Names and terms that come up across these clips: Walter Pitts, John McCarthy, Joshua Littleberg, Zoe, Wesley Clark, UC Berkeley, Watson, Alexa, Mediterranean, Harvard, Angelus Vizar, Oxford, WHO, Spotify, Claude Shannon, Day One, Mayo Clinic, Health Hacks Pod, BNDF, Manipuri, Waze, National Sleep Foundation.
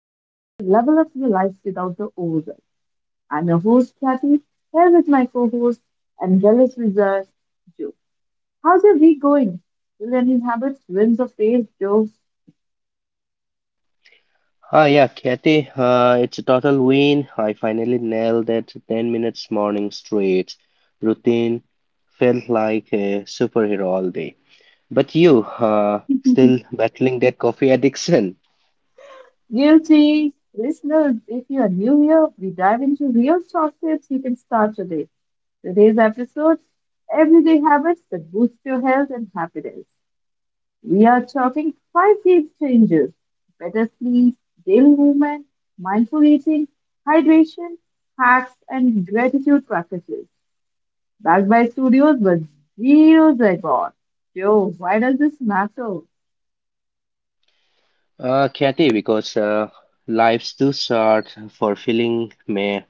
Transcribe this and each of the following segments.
ways to level up your life without the overwhelm. I'm your host, Kathy, here with my co host, Angelus Vizar, Joe. How's your week going? Brilliant habits, wins of faith, jokes, Ah, Kathy, it's a total win. I finally nailed that 10 minutes morning straight routine. Felt like a superhero all day. But you, still battling that coffee addiction? guilty. Listeners, if you are new here, we dive into real short tips you can start today. Today's episode: Everyday Habits that Boost Your Health and Happiness. We are talking five game changes: better sleep, daily movement, mindful eating, hydration, hacks, and gratitude practices. Backed by studios with zero zygote. Yo, why does this matter? Kathy, because life's too short for feeling me.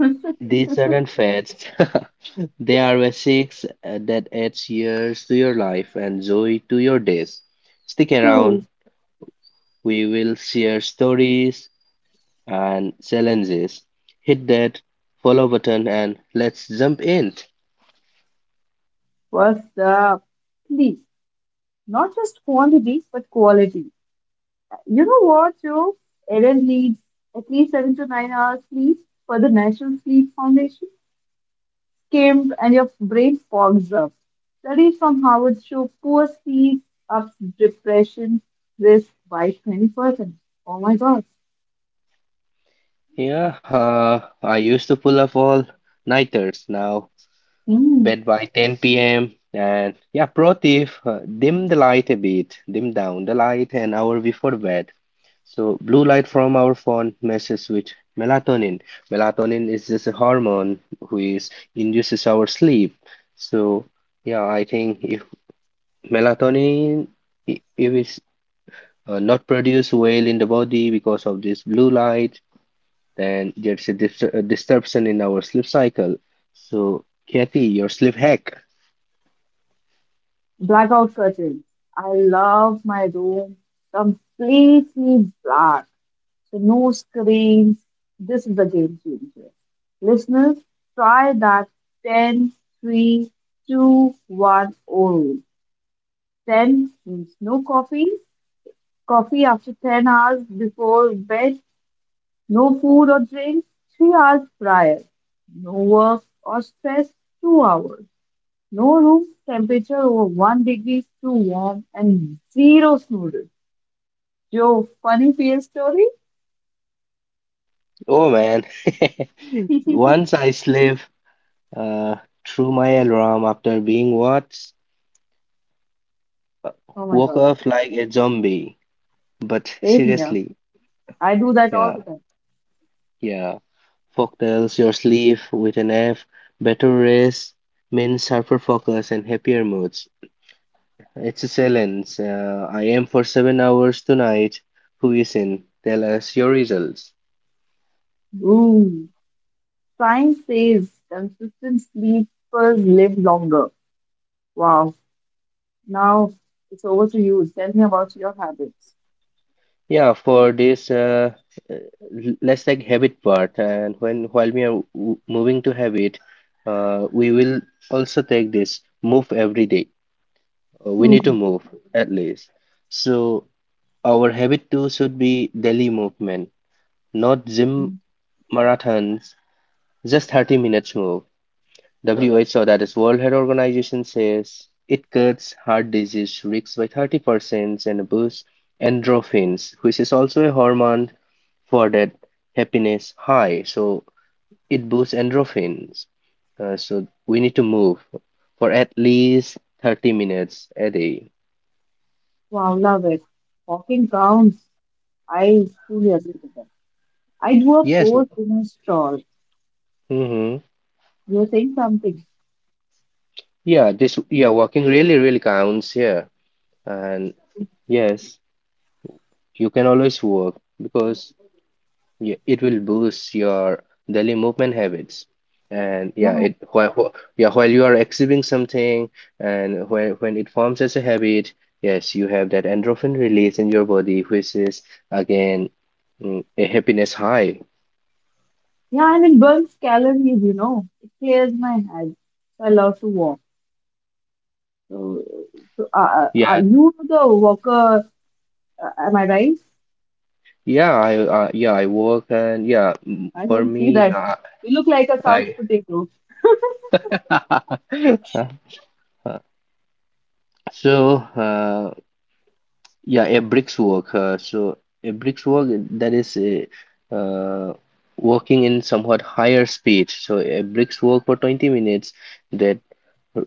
These aren't fads. They are basics that adds years to your life and joy to your days. Stick True. around. We will share stories, and challenges. Hit that follow button and let's jump in. What's up? Sleep, not just quantity, but quality. You know what, Joe? Ellen needs at least 7 to 9 hours sleep for the National Sleep Foundation. Skimmed and your brain fogs up. Studies from Harvard show poor sleep ups depression risk by 20%. Oh my God. Yeah, I used to pull up all nighters. Now Hmm. bed by 10 p.m. And yeah, pro tip, dim the light a bit. Dim down the light an hour before bed. So blue light from our phone messes with melatonin. Melatonin is just a hormone who is induces our sleep. So yeah, I think if melatonin if it's not produce well in the body because of this blue light, then there's a, dis a disruption in our sleep cycle. So, Kathy, your sleep hack. Blackout curtains. I love my room completely black. So no screens. This is a game changer. Listeners, try that 10, 3, two, one, oh rule. 10 means no coffee, coffee after 10 hours before bed. No food or drinks 3 hours prior. No work or stress 2 hours. No room temperature over one degree is too warm and zero snooze. Joe, funny fear story? Oh man, once I sleep uh, through my alarm after being what Oh my woke god, up like a zombie. But same here. seriously, I do that all yeah, the time. yeah. Folktales your sleep with an F, better rest, means sharper focus and happier moods. It's silence. I am for 7 hours tonight. Who is in? Tell us your results. Ooh, science says consistent sleepers live longer. Wow. Now it's over to you. Tell me about your habits. Yeah, for this, uh, let's take habit part. And when while we are moving to habit, we will also take this move every day. We need to move at least. So our habit too should be daily movement, not gym marathons, just 30 minutes move. WHO, that is World Health Organization, says it cuts heart disease risks by 30% and boosts endorphins, which is also a hormone for that happiness high. So it boosts endorphins. So we need to move for at least 30 minutes a day. Wow, love it. Walking counts. I truly agree with that. I do a Yes. poor my stall. Mm-hmm. You're saying something. Yeah, walking really counts here. And yes, you can always walk because yeah, it will boost your daily movement habits. And yeah, Yeah, while you are exhibiting something and when it forms as a habit, yes, you have that endorphin release in your body, which is again a happiness high. yeah, and it burns calories, you know. It clears my head. So I love to walk. So, so are Yeah, you the walker? Am I right? yeah, I work and yeah I for don't see me that. You look like a couch I potato. so, yeah, a bricks work. A bricks work, that is working in somewhat higher speed. So a bricks work for 20 minutes that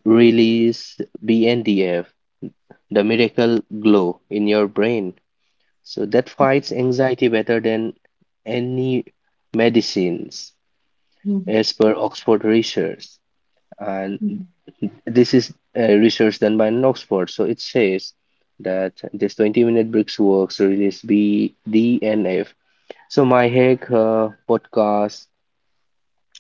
release BNDF, the miracle glow in your brain. So that fights anxiety better than any medicines, Mhm. as per Oxford research. And this is research done by an Oxford. So it says that this 20-minute bricks works release BDF. So my hack, podcast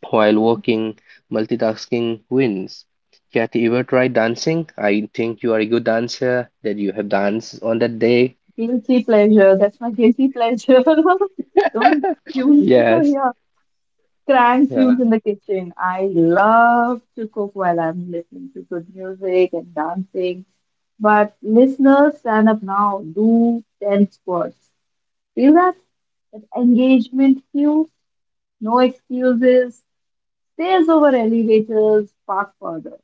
while working, multitasking wins. Kathy, ever tried dancing? I think you are a good dancer, that you have danced on that day. Guilty pleasure. That's my guilty pleasure. Don't excuse me for Yes, here. Crank tunes yeah. in the kitchen. I love to cook while I'm listening to good music and dancing. But listeners, stand up now. Do 10 squats. Feel that? That engagement cue. No excuses. Stairs over elevators. Park further.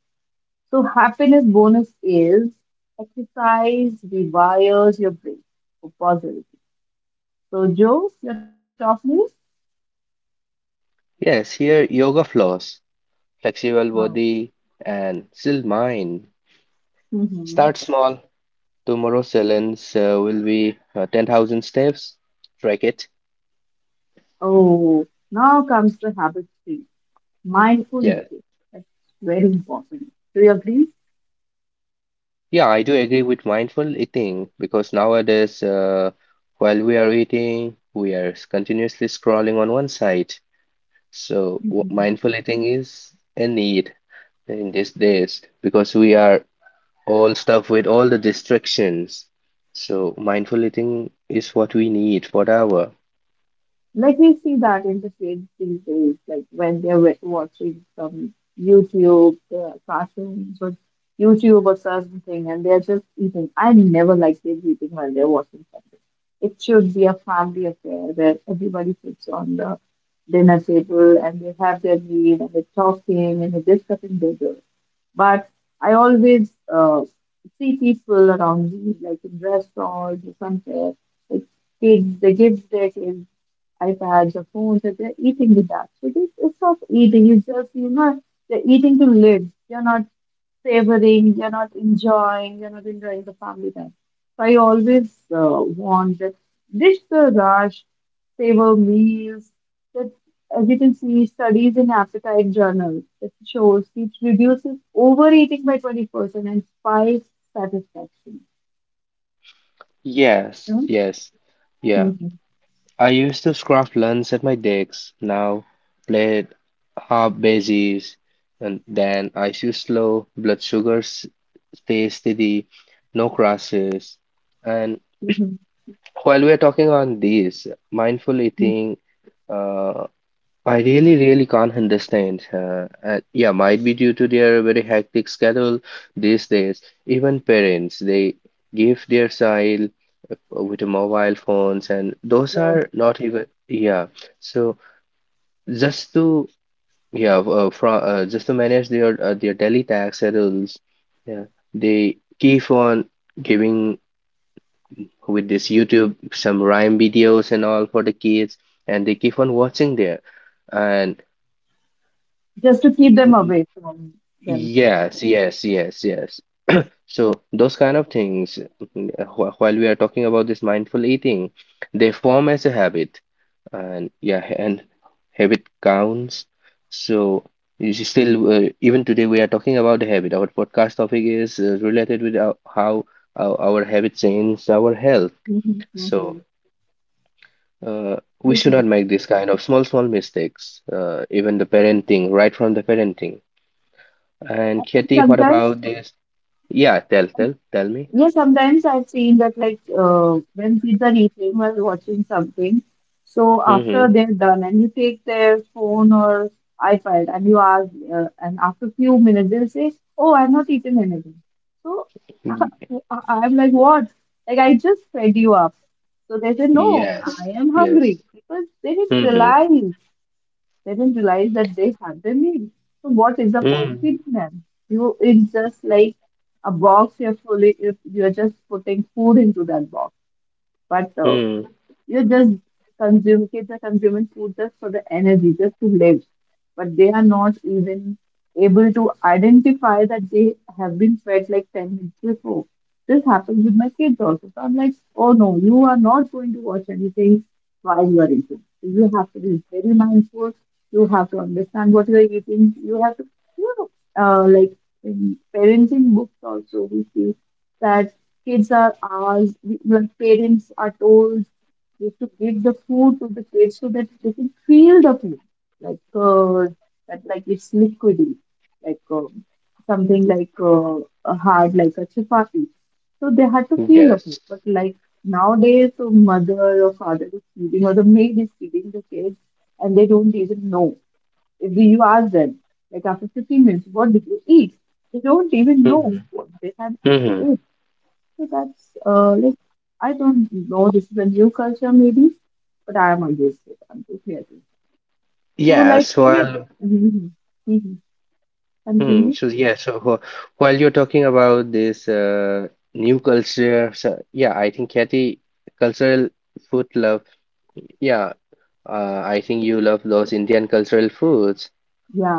So happiness bonus is exercise rewires your brain for positivity. So Joe, your top news? Yes, here yoga flows, flexible No. body and still mind. Hmm. Start small. Tomorrow's challenge will be 10,000 steps. Track it. Oh, now comes the habit tree. Mindful Yeah. eating. That's very important. Do you agree? Yeah, I do agree with mindful eating because nowadays, while we are eating, we are continuously scrolling on one side. So, Mhm. mindful eating is a need in these days because we are all stuff with all the distractions. So mindful eating is what we need for our. Like we see that in the kids these days, like when they're watching some YouTube cartoons or YouTube or certain thing, and they're just eating. I never like kids eating while they're watching something. It should be a family affair where everybody sits on the dinner table and they have their meal and they're talking and they're discussing their. But I always uh, see people around me, like in restaurants or somewhere, like kids, they give their kids iPads or phones and they're eating with that. So this is not eating, it's just, you know, they're eating to live. They're not savoring, you're not enjoying the family time. So I always want that ditch the rush, savor meals. That, as you can see, studies in appetite journals that shows it reduces overeating by 20% and spikes satisfaction. Yes, You know, yes, yeah. mhm, I used to scrape lunch at my decks, now played half bases, and then I shoot slow, blood sugar stays steady, no crashes. And mhm, while we're talking on this, mindful mhm. eating, uh, I really, really can't understand. Yeah, might be due to their very hectic schedule these days. Even parents, they give their child with a mobile phones, and those Right. are not even. Yeah, so just to yeah, from just to manage their daily tax schedules, yeah, they keep on giving with this YouTube some rhyme videos and all for the kids, and they keep on watching there, and. Just to keep them away from themselves. Yes, yes, yes, yes. So those kind of things, while we are talking about this mindful eating, they form as a habit, and yeah, and habit counts. So you should still, even today, we are talking about the habit. Our podcast topic is related with our, how our habits change our health. Mhm, So mhm. uh, we should not This. make this kind of small, small mistakes, even the parenting, right from the parenting. And Katie, what Sometimes. about this? Yeah, tell me. Yeah, sometimes I've seen that like when kids are eating while watching something, so after Mm-hmm. they're done and you take their phone or iPad and you ask, and after few minutes they'll say, "Oh, I've not eaten anything." So Y- I'm like, "What? Like I just fed you up." So they say, "No, Yes, I am yes. hungry," because they didn't Mm-hmm. realize. They didn't realize that they had their meal. So what is the point feeding them? You it's just like a box you're fully if you're just putting food into that box. But Mm-hmm. you just consume, kids are consuming food just for the energy, just to live. But they are not even able to identify that they have been fed like 10 minutes before. This happens with my kids also. So I'm like, oh no, you are not going to watch anything while you are eating. So you have to be very mindful. You have to understand what you are eating. You have to, you know, like in parenting books also, we see that kids are asked, like parents are told we have to give the food to the kids so that they can feel the food, like that, like it's liquidy, like something like a hard, like a chapati. So they had to feel the food. Yes. But like nowadays, the mother or father is feeding or the maid is feeding the kids, and they don't even know. If you ask them, like after 15 minutes, what did you eat? They don't even know Mm-hmm. what they have. Mm-hmm. So that's like I don't know. This is a new culture, maybe, but I am against it. I'm totally against. It. So Yeah, like so in a I'll, mhm, mhm. hmm, Continue. so yeah, so wh- while you're talking about this new culture, so yeah, I think Kathy, cultural food love, yeah, I think you love those Indian cultural foods.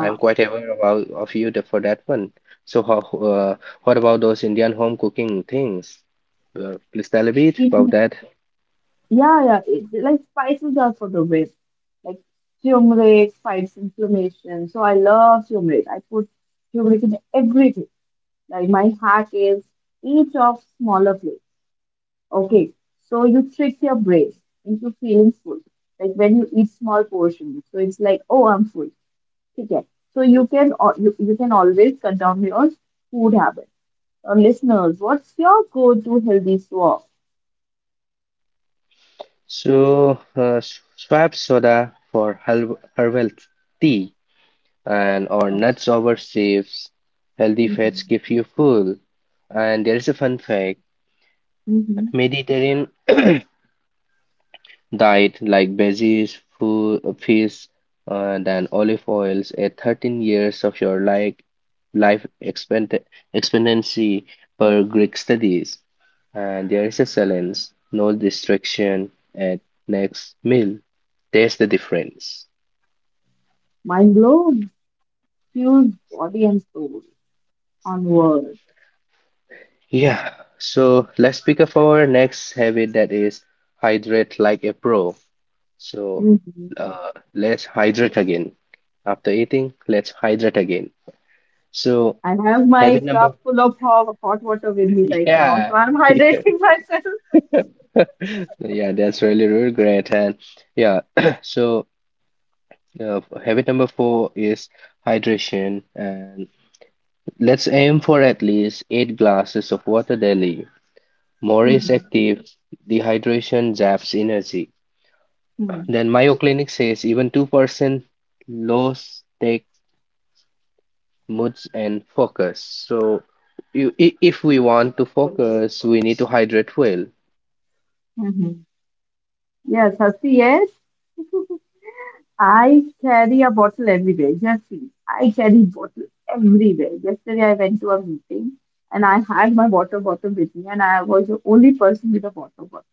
I'm quite aware about of you for that one. So how, uh, what about those Indian home cooking things? Please tell a bit about in that. yeah it, like spices are for the west, like turmeric fights inflammation. So I love turmeric. I put turmeric in everything. Like my hack is each of smaller flavors. Okay, so you trick your brain into feeling full, like when you eat small portions. So it's like, oh, I'm full. Okay, so you can you, you can always control your food habit. Now, listeners, what's your go-to healthy swap? So swap soda for herbal tea and or Mm-hmm. nuts over sieves. Healthy fats keep you full. And there is a fun fact: Mm-hmm. Mediterranean diet like veggies, food, fish, and then olive oils at 13 years of your life, life expectancy per Greek studies. And there is a silence, no distraction at next meal. There's the difference. Mind blown, fuels body and soul. Onward. Yeah, so let's pick up our next habit, that is hydrate like a pro. So Mm-hmm. Let's hydrate again. After eating, let's hydrate again. So I have my habit number, cup full of hot, hot water with me right now, yeah, so I'm hydrating myself. yeah, that's really, really great. And yeah, so habit number 4 is hydration. And let's aim for at least 8 glasses of water daily. More is Mm-hmm. active, dehydration zaps energy. Then Mayo Clinic says even 2% loss take moods and focus. So you, if we want to focus, we need to hydrate well. Mm-hmm. Yes, Hasi, yes. I carry a bottle everywhere. Just see, I carry bottle everywhere. Yesterday I went to a meeting and I had my water bottle with me, and I was the only person with a water bottle.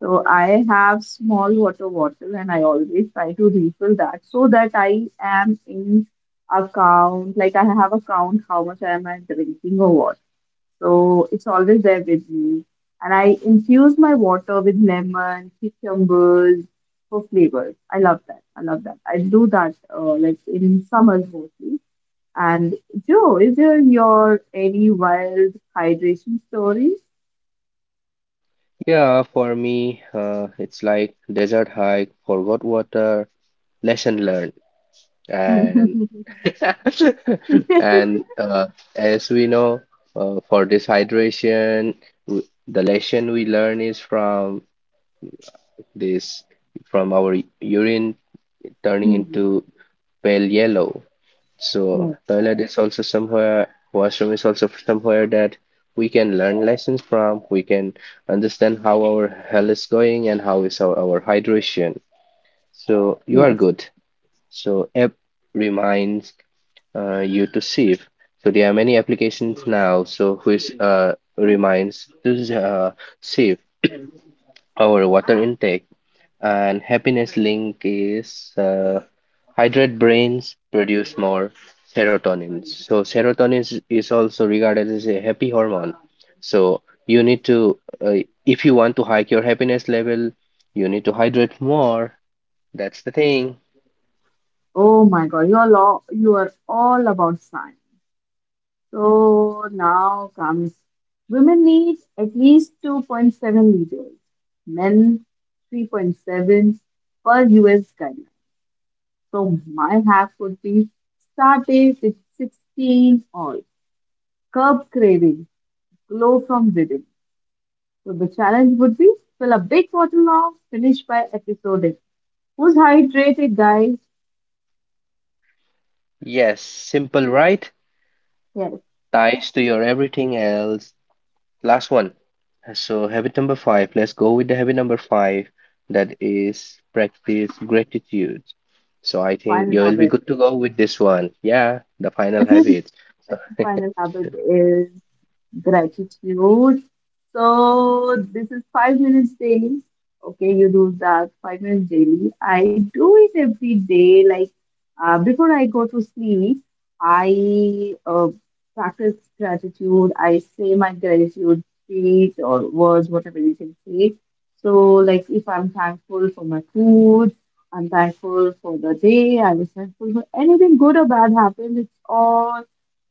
So I have small water bottle, and I always try to refill that so that I am in account. Like I have account how much am I drinking or what. So it's always there with me. And I infuse my water with lemon, cucumbers for flavors. I love that. I love that. I do that like in summers mostly. And Joe, is there your any wild hydration stories? Yeah, for me, it's like desert hike, forgot water, lesson learned, and and as we know, for this hydration, w the lesson we learn is from this from our urine turning Hmm. into pale yellow. So Yes, toilet is also somewhere, washroom is also somewhere that we can learn lessons from. We can understand how our health is going and how is our hydration. So you are yes. good. So app reminds you to save. So there are many applications now. So which reminds to uh, save our water intake, and happiness link is hydrate brains produce more serotonin. So serotonin is also regarded as a happy hormone. So you need to, uh, if you want to hike your happiness level, you need to hydrate more. That's the thing. Oh my God, you are all about science. So now comes women need at least 2.7 liters, men 3.7 per US guideline. So my half would be start age is 16 or curb craving, glow from within. So the challenge would be fill a big bottle of finish by episode. Who's hydrated, guys? Yes, simple, right? Yes, Ties to your everything else. Last one. So habit number 5. Let's go with the habit number 5. That is practice gratitude. So I think fun you will be rabbit. good to go with this one. Yeah, the final habit. Final habit is gratitude. So this is 5 minutes daily. Okay, you do that 5 minutes daily. I do it every day. Like before I go to sleep, I practice gratitude. I say my gratitude speech or words, whatever you can say. So like if I'm thankful for my food, I'm thankful for the day. I was thankful for anything good or bad happened. It's all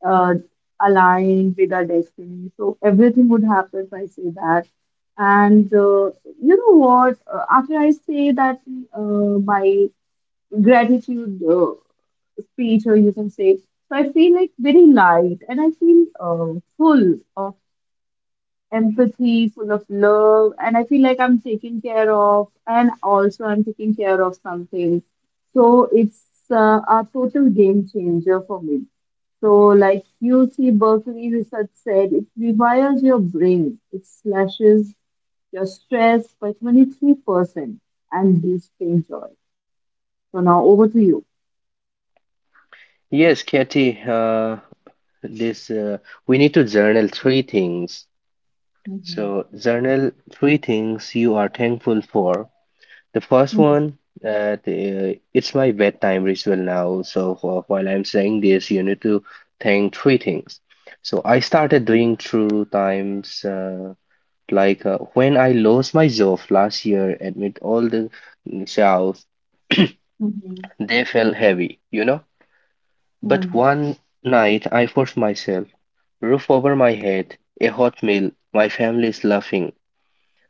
uh, aligned with our destiny. So everything would happen if I say that. And you know what? After I say that my gratitude speech, or you can say, so I feel like very light and I feel full of empathy, full of love, and I feel like I'm taken care of, and also I'm taking care of something. So it's a total game changer for me. So, like UC Berkeley research said, it rewires your brain, it slashes your stress by 23% and boosting joy. So, now over to you. Yes, Katie, this we need to journal three things. Mm-hmm. So journal three things you are thankful for. The first Mm-hmm. one, it's my bedtime ritual now. So while I'm saying this, you need to thank three things. So I started doing through times like when I lost my job last year amid all the shouts, Mm-hmm. they felt heavy, you know. But one night I forced myself. Roof over my head, a hot meal, my family is laughing.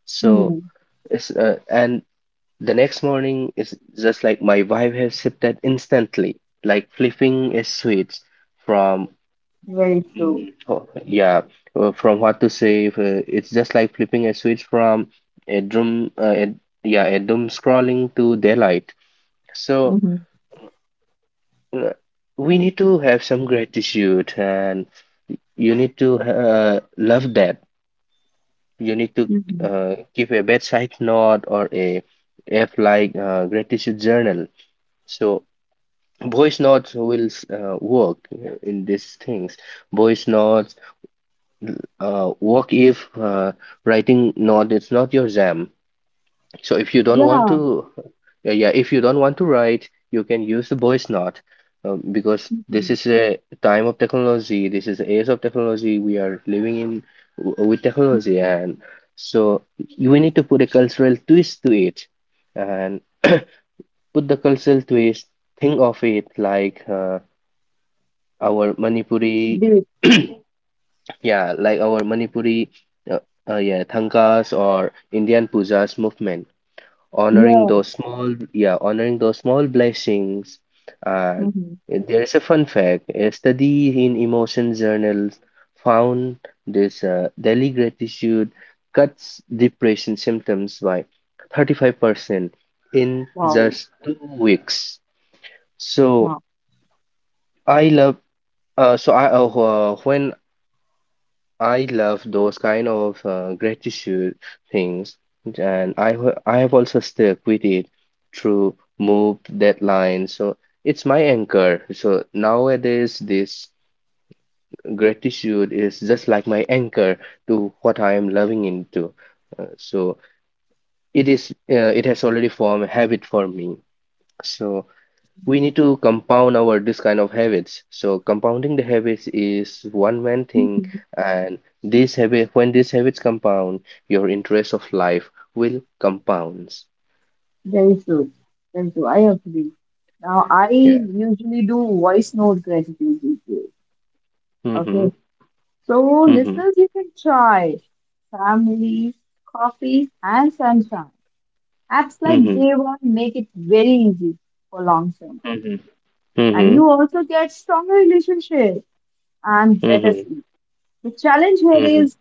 So Mm-hmm. it's and the next morning is just like my wife has sipped that instantly, like flipping a switch from Very true. mm, oh, yeah from what to say. It's just like flipping a switch from a doom a doom scrolling to daylight. So Mm-hmm. uh, we need to have some gratitude, and you need to love that. You need to Mm-hmm. Give a bedside note or a app like gratitude journal. So voice notes will work in these things. Voice notes work if writing note is not your jam, so if you don't want Yeah. to yeah, yeah if you don't want to write, you can use the voice note. Because this Mm-hmm. is a time of technology, this is the age of technology we are living in, with technology. Mm-hmm. And so we need to put a cultural twist to it, and put the cultural twist, think of it like our manipuri yeah, like our manipuri uh, yeah, thankas or indian pujas movement, honoring Yeah. those small yeah honoring those small blessings. And Hmm. there is a fun fact, a study in emotion journals found this daily gratitude cuts depression symptoms by 35% in Wow. just 2 weeks. So Wow. I love uh, so i uh, when I love those kind of gratitude things, and I I have also stuck with it through move deadlines. So it's my anchor. So nowadays, this gratitude is just like my anchor to what I am loving into. So it is it has already formed a habit for me. So we need to compound our this kind of habits, so compounding the habits is one main thing, Mhm. and these habit when these habits compound, your interest of life will compounds. Very true. Very true. I agree. Now, I Yeah. usually do voice note gratitude reviews. Mm-hmm. Okay. So, Mm-hmm. listeners, you can try family, coffee, and sunshine. Apps like Mm-hmm. Day One make it very easy for long term. Mm-hmm. Mm-hmm. And you also get stronger relationship and better Mm-hmm. sleep. The challenge here Mm-hmm. is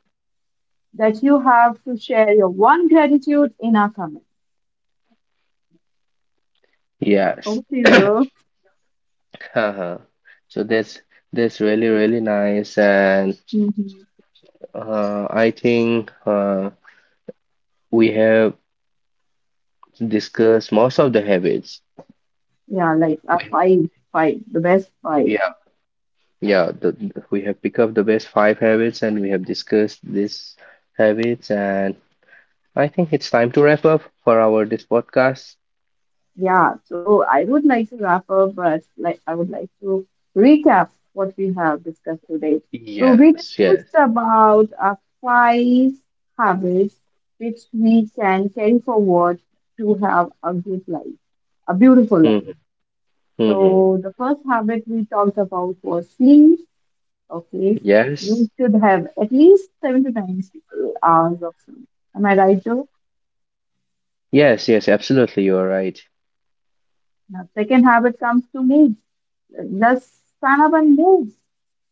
that you have to share your one gratitude in our comment. Yes. Hope you Uh-huh. So that's really really nice. And do. I think we have discussed most of the habits Yeah, like a we five-five, the best five. yeah. Yeah, the, we have picked up the best 5 habits and we have discussed these habits, and I think it's time to wrap up for our this podcast. Yeah, so I would like to wrap up, but like I would like to recap what we have discussed today. So we Yes, yes. discussed about our five habits which we can carry forward to have a good life, a beautiful life. Mm-hmm, mm-hmm. So the first habit we talked about was sleep. Okay, Yes. you should have at least 7 to 9 hours of sleep. Am I right, Joe? Yes, yes, absolutely you're right. Now, second habit comes to moves. Just stand up and move.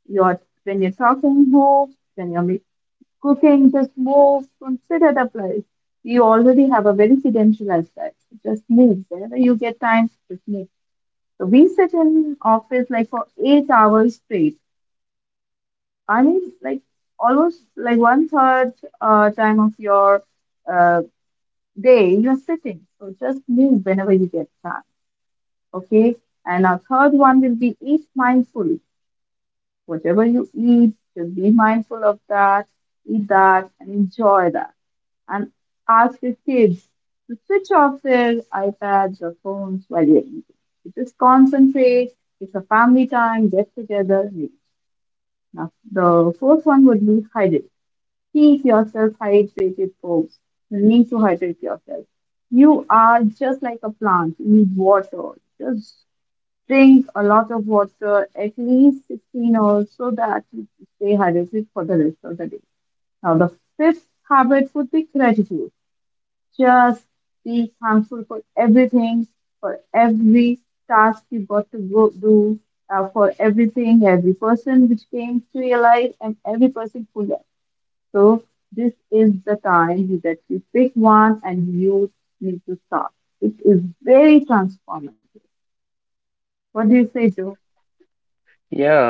You're, when you're talking, move. When you're cooking, just move. Don't sit at a place. We already have a very sedentary lifestyle. Just move. Whenever you get time, just move. So we sit in office like for 8 hours straight. I mean, like almost like one third time of your uh, day, you're sitting. So just move whenever you get time. Okay. And our third one will be eat mindful. Whatever you eat, just be mindful of that, eat that, and enjoy that. And ask your kids to switch off their iPads or phones while you're eating. You just concentrate. It's a family time, get together, and eat. Now, the fourth one would be hydrate. Keep yourself hydrated, folks. You need to hydrate yourself. You are just like a plant. You need water. Just drink a lot of water, at least 16 or so that you stay hydrated for the rest of the day. Now, the fifth habit would be gratitude. Just be thankful for everything, for every task you got to go do, for everything, every person which came to your life, and every person who left. So, this is the time that you pick one and you need to start. It is very transformative. What do you say, Joe? Yeah,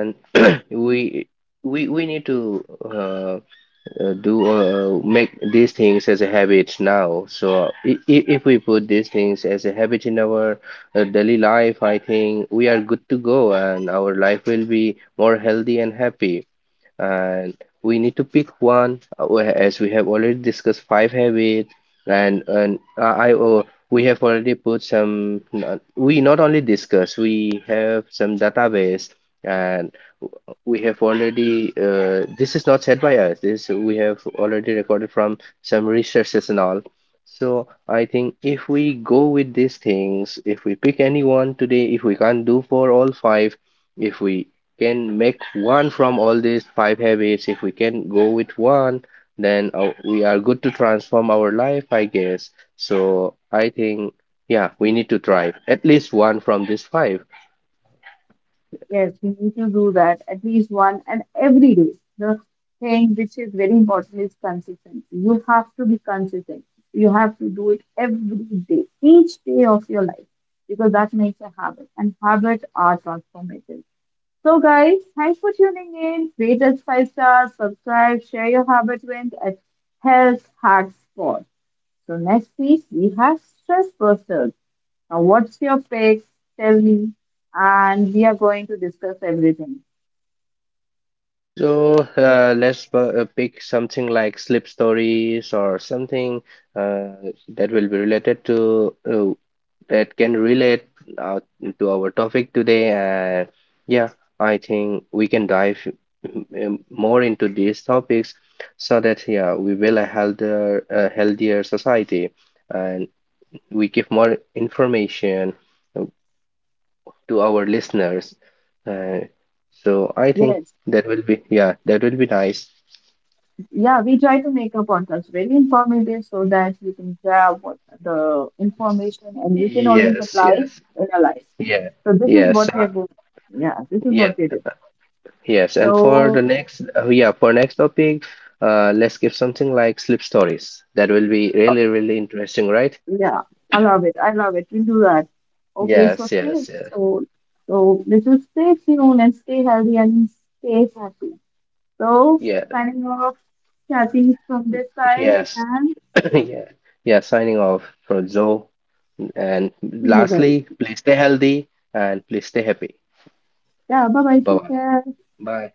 and we we need to. Do make these things as a habit now. So if we put these things as a habit in our daily life, I think we are good to go, and our life will be more healthy and happy. And we need to pick one as we have already discussed 5 habits, and we have already put some we not only discuss, we have some database, and we have already this is not said by us, this we have already recorded from some researches and all. So I think if we go with these things, if we pick any one today, if we can't do for all 5, if we can make one from all these 5 habits, if we can go with one, then we are good to transform our life, I guess. So I think, yeah, we need to try at least one from these 5. Yes, we need to do that at least one and every day. The thing which is very important is consistency. You have to be consistent. You have to do it every day, each day of your life, because that makes a habit, and habits are transformative. So, guys, thanks for tuning in. Rate us five stars, subscribe, share your habit wins at Health Hacks Pod. So, next week we have stress busters. Now, what's your pick? Tell me. And we are going to discuss everything. So let's pick something like sleep stories or something that will be related to that can relate uh, to our topic today. And yeah, I think we can dive more into these topics so that yeah, we will a healthier society, and we give more information uh, to our listeners. Uh, so I think Yes. that will be yeah, that will be nice. Yeah, we try to make a podcast very informative so that you can grab what the information and you can always Yes, apply it yes, in your life. yeah, So this is yes, what we are doing. Yeah, this is yeah. what we do. Yes, and for the So next, yeah, for next topic, let's give something like sleep stories. That will be uh, really, really interesting, right? yeah, I love it. I love it. We'll do that. Okay, so Yes, stay yes, yes, so so let's just stay tuned and stay healthy and stay happy. So, yeah, signing off, Kathy from this side, yes, and yeah, yeah. Signing off for Zoe, and see you guys. lastly, please stay healthy and please stay happy. Yeah, bye bye. Bye Take bye. care. Bye.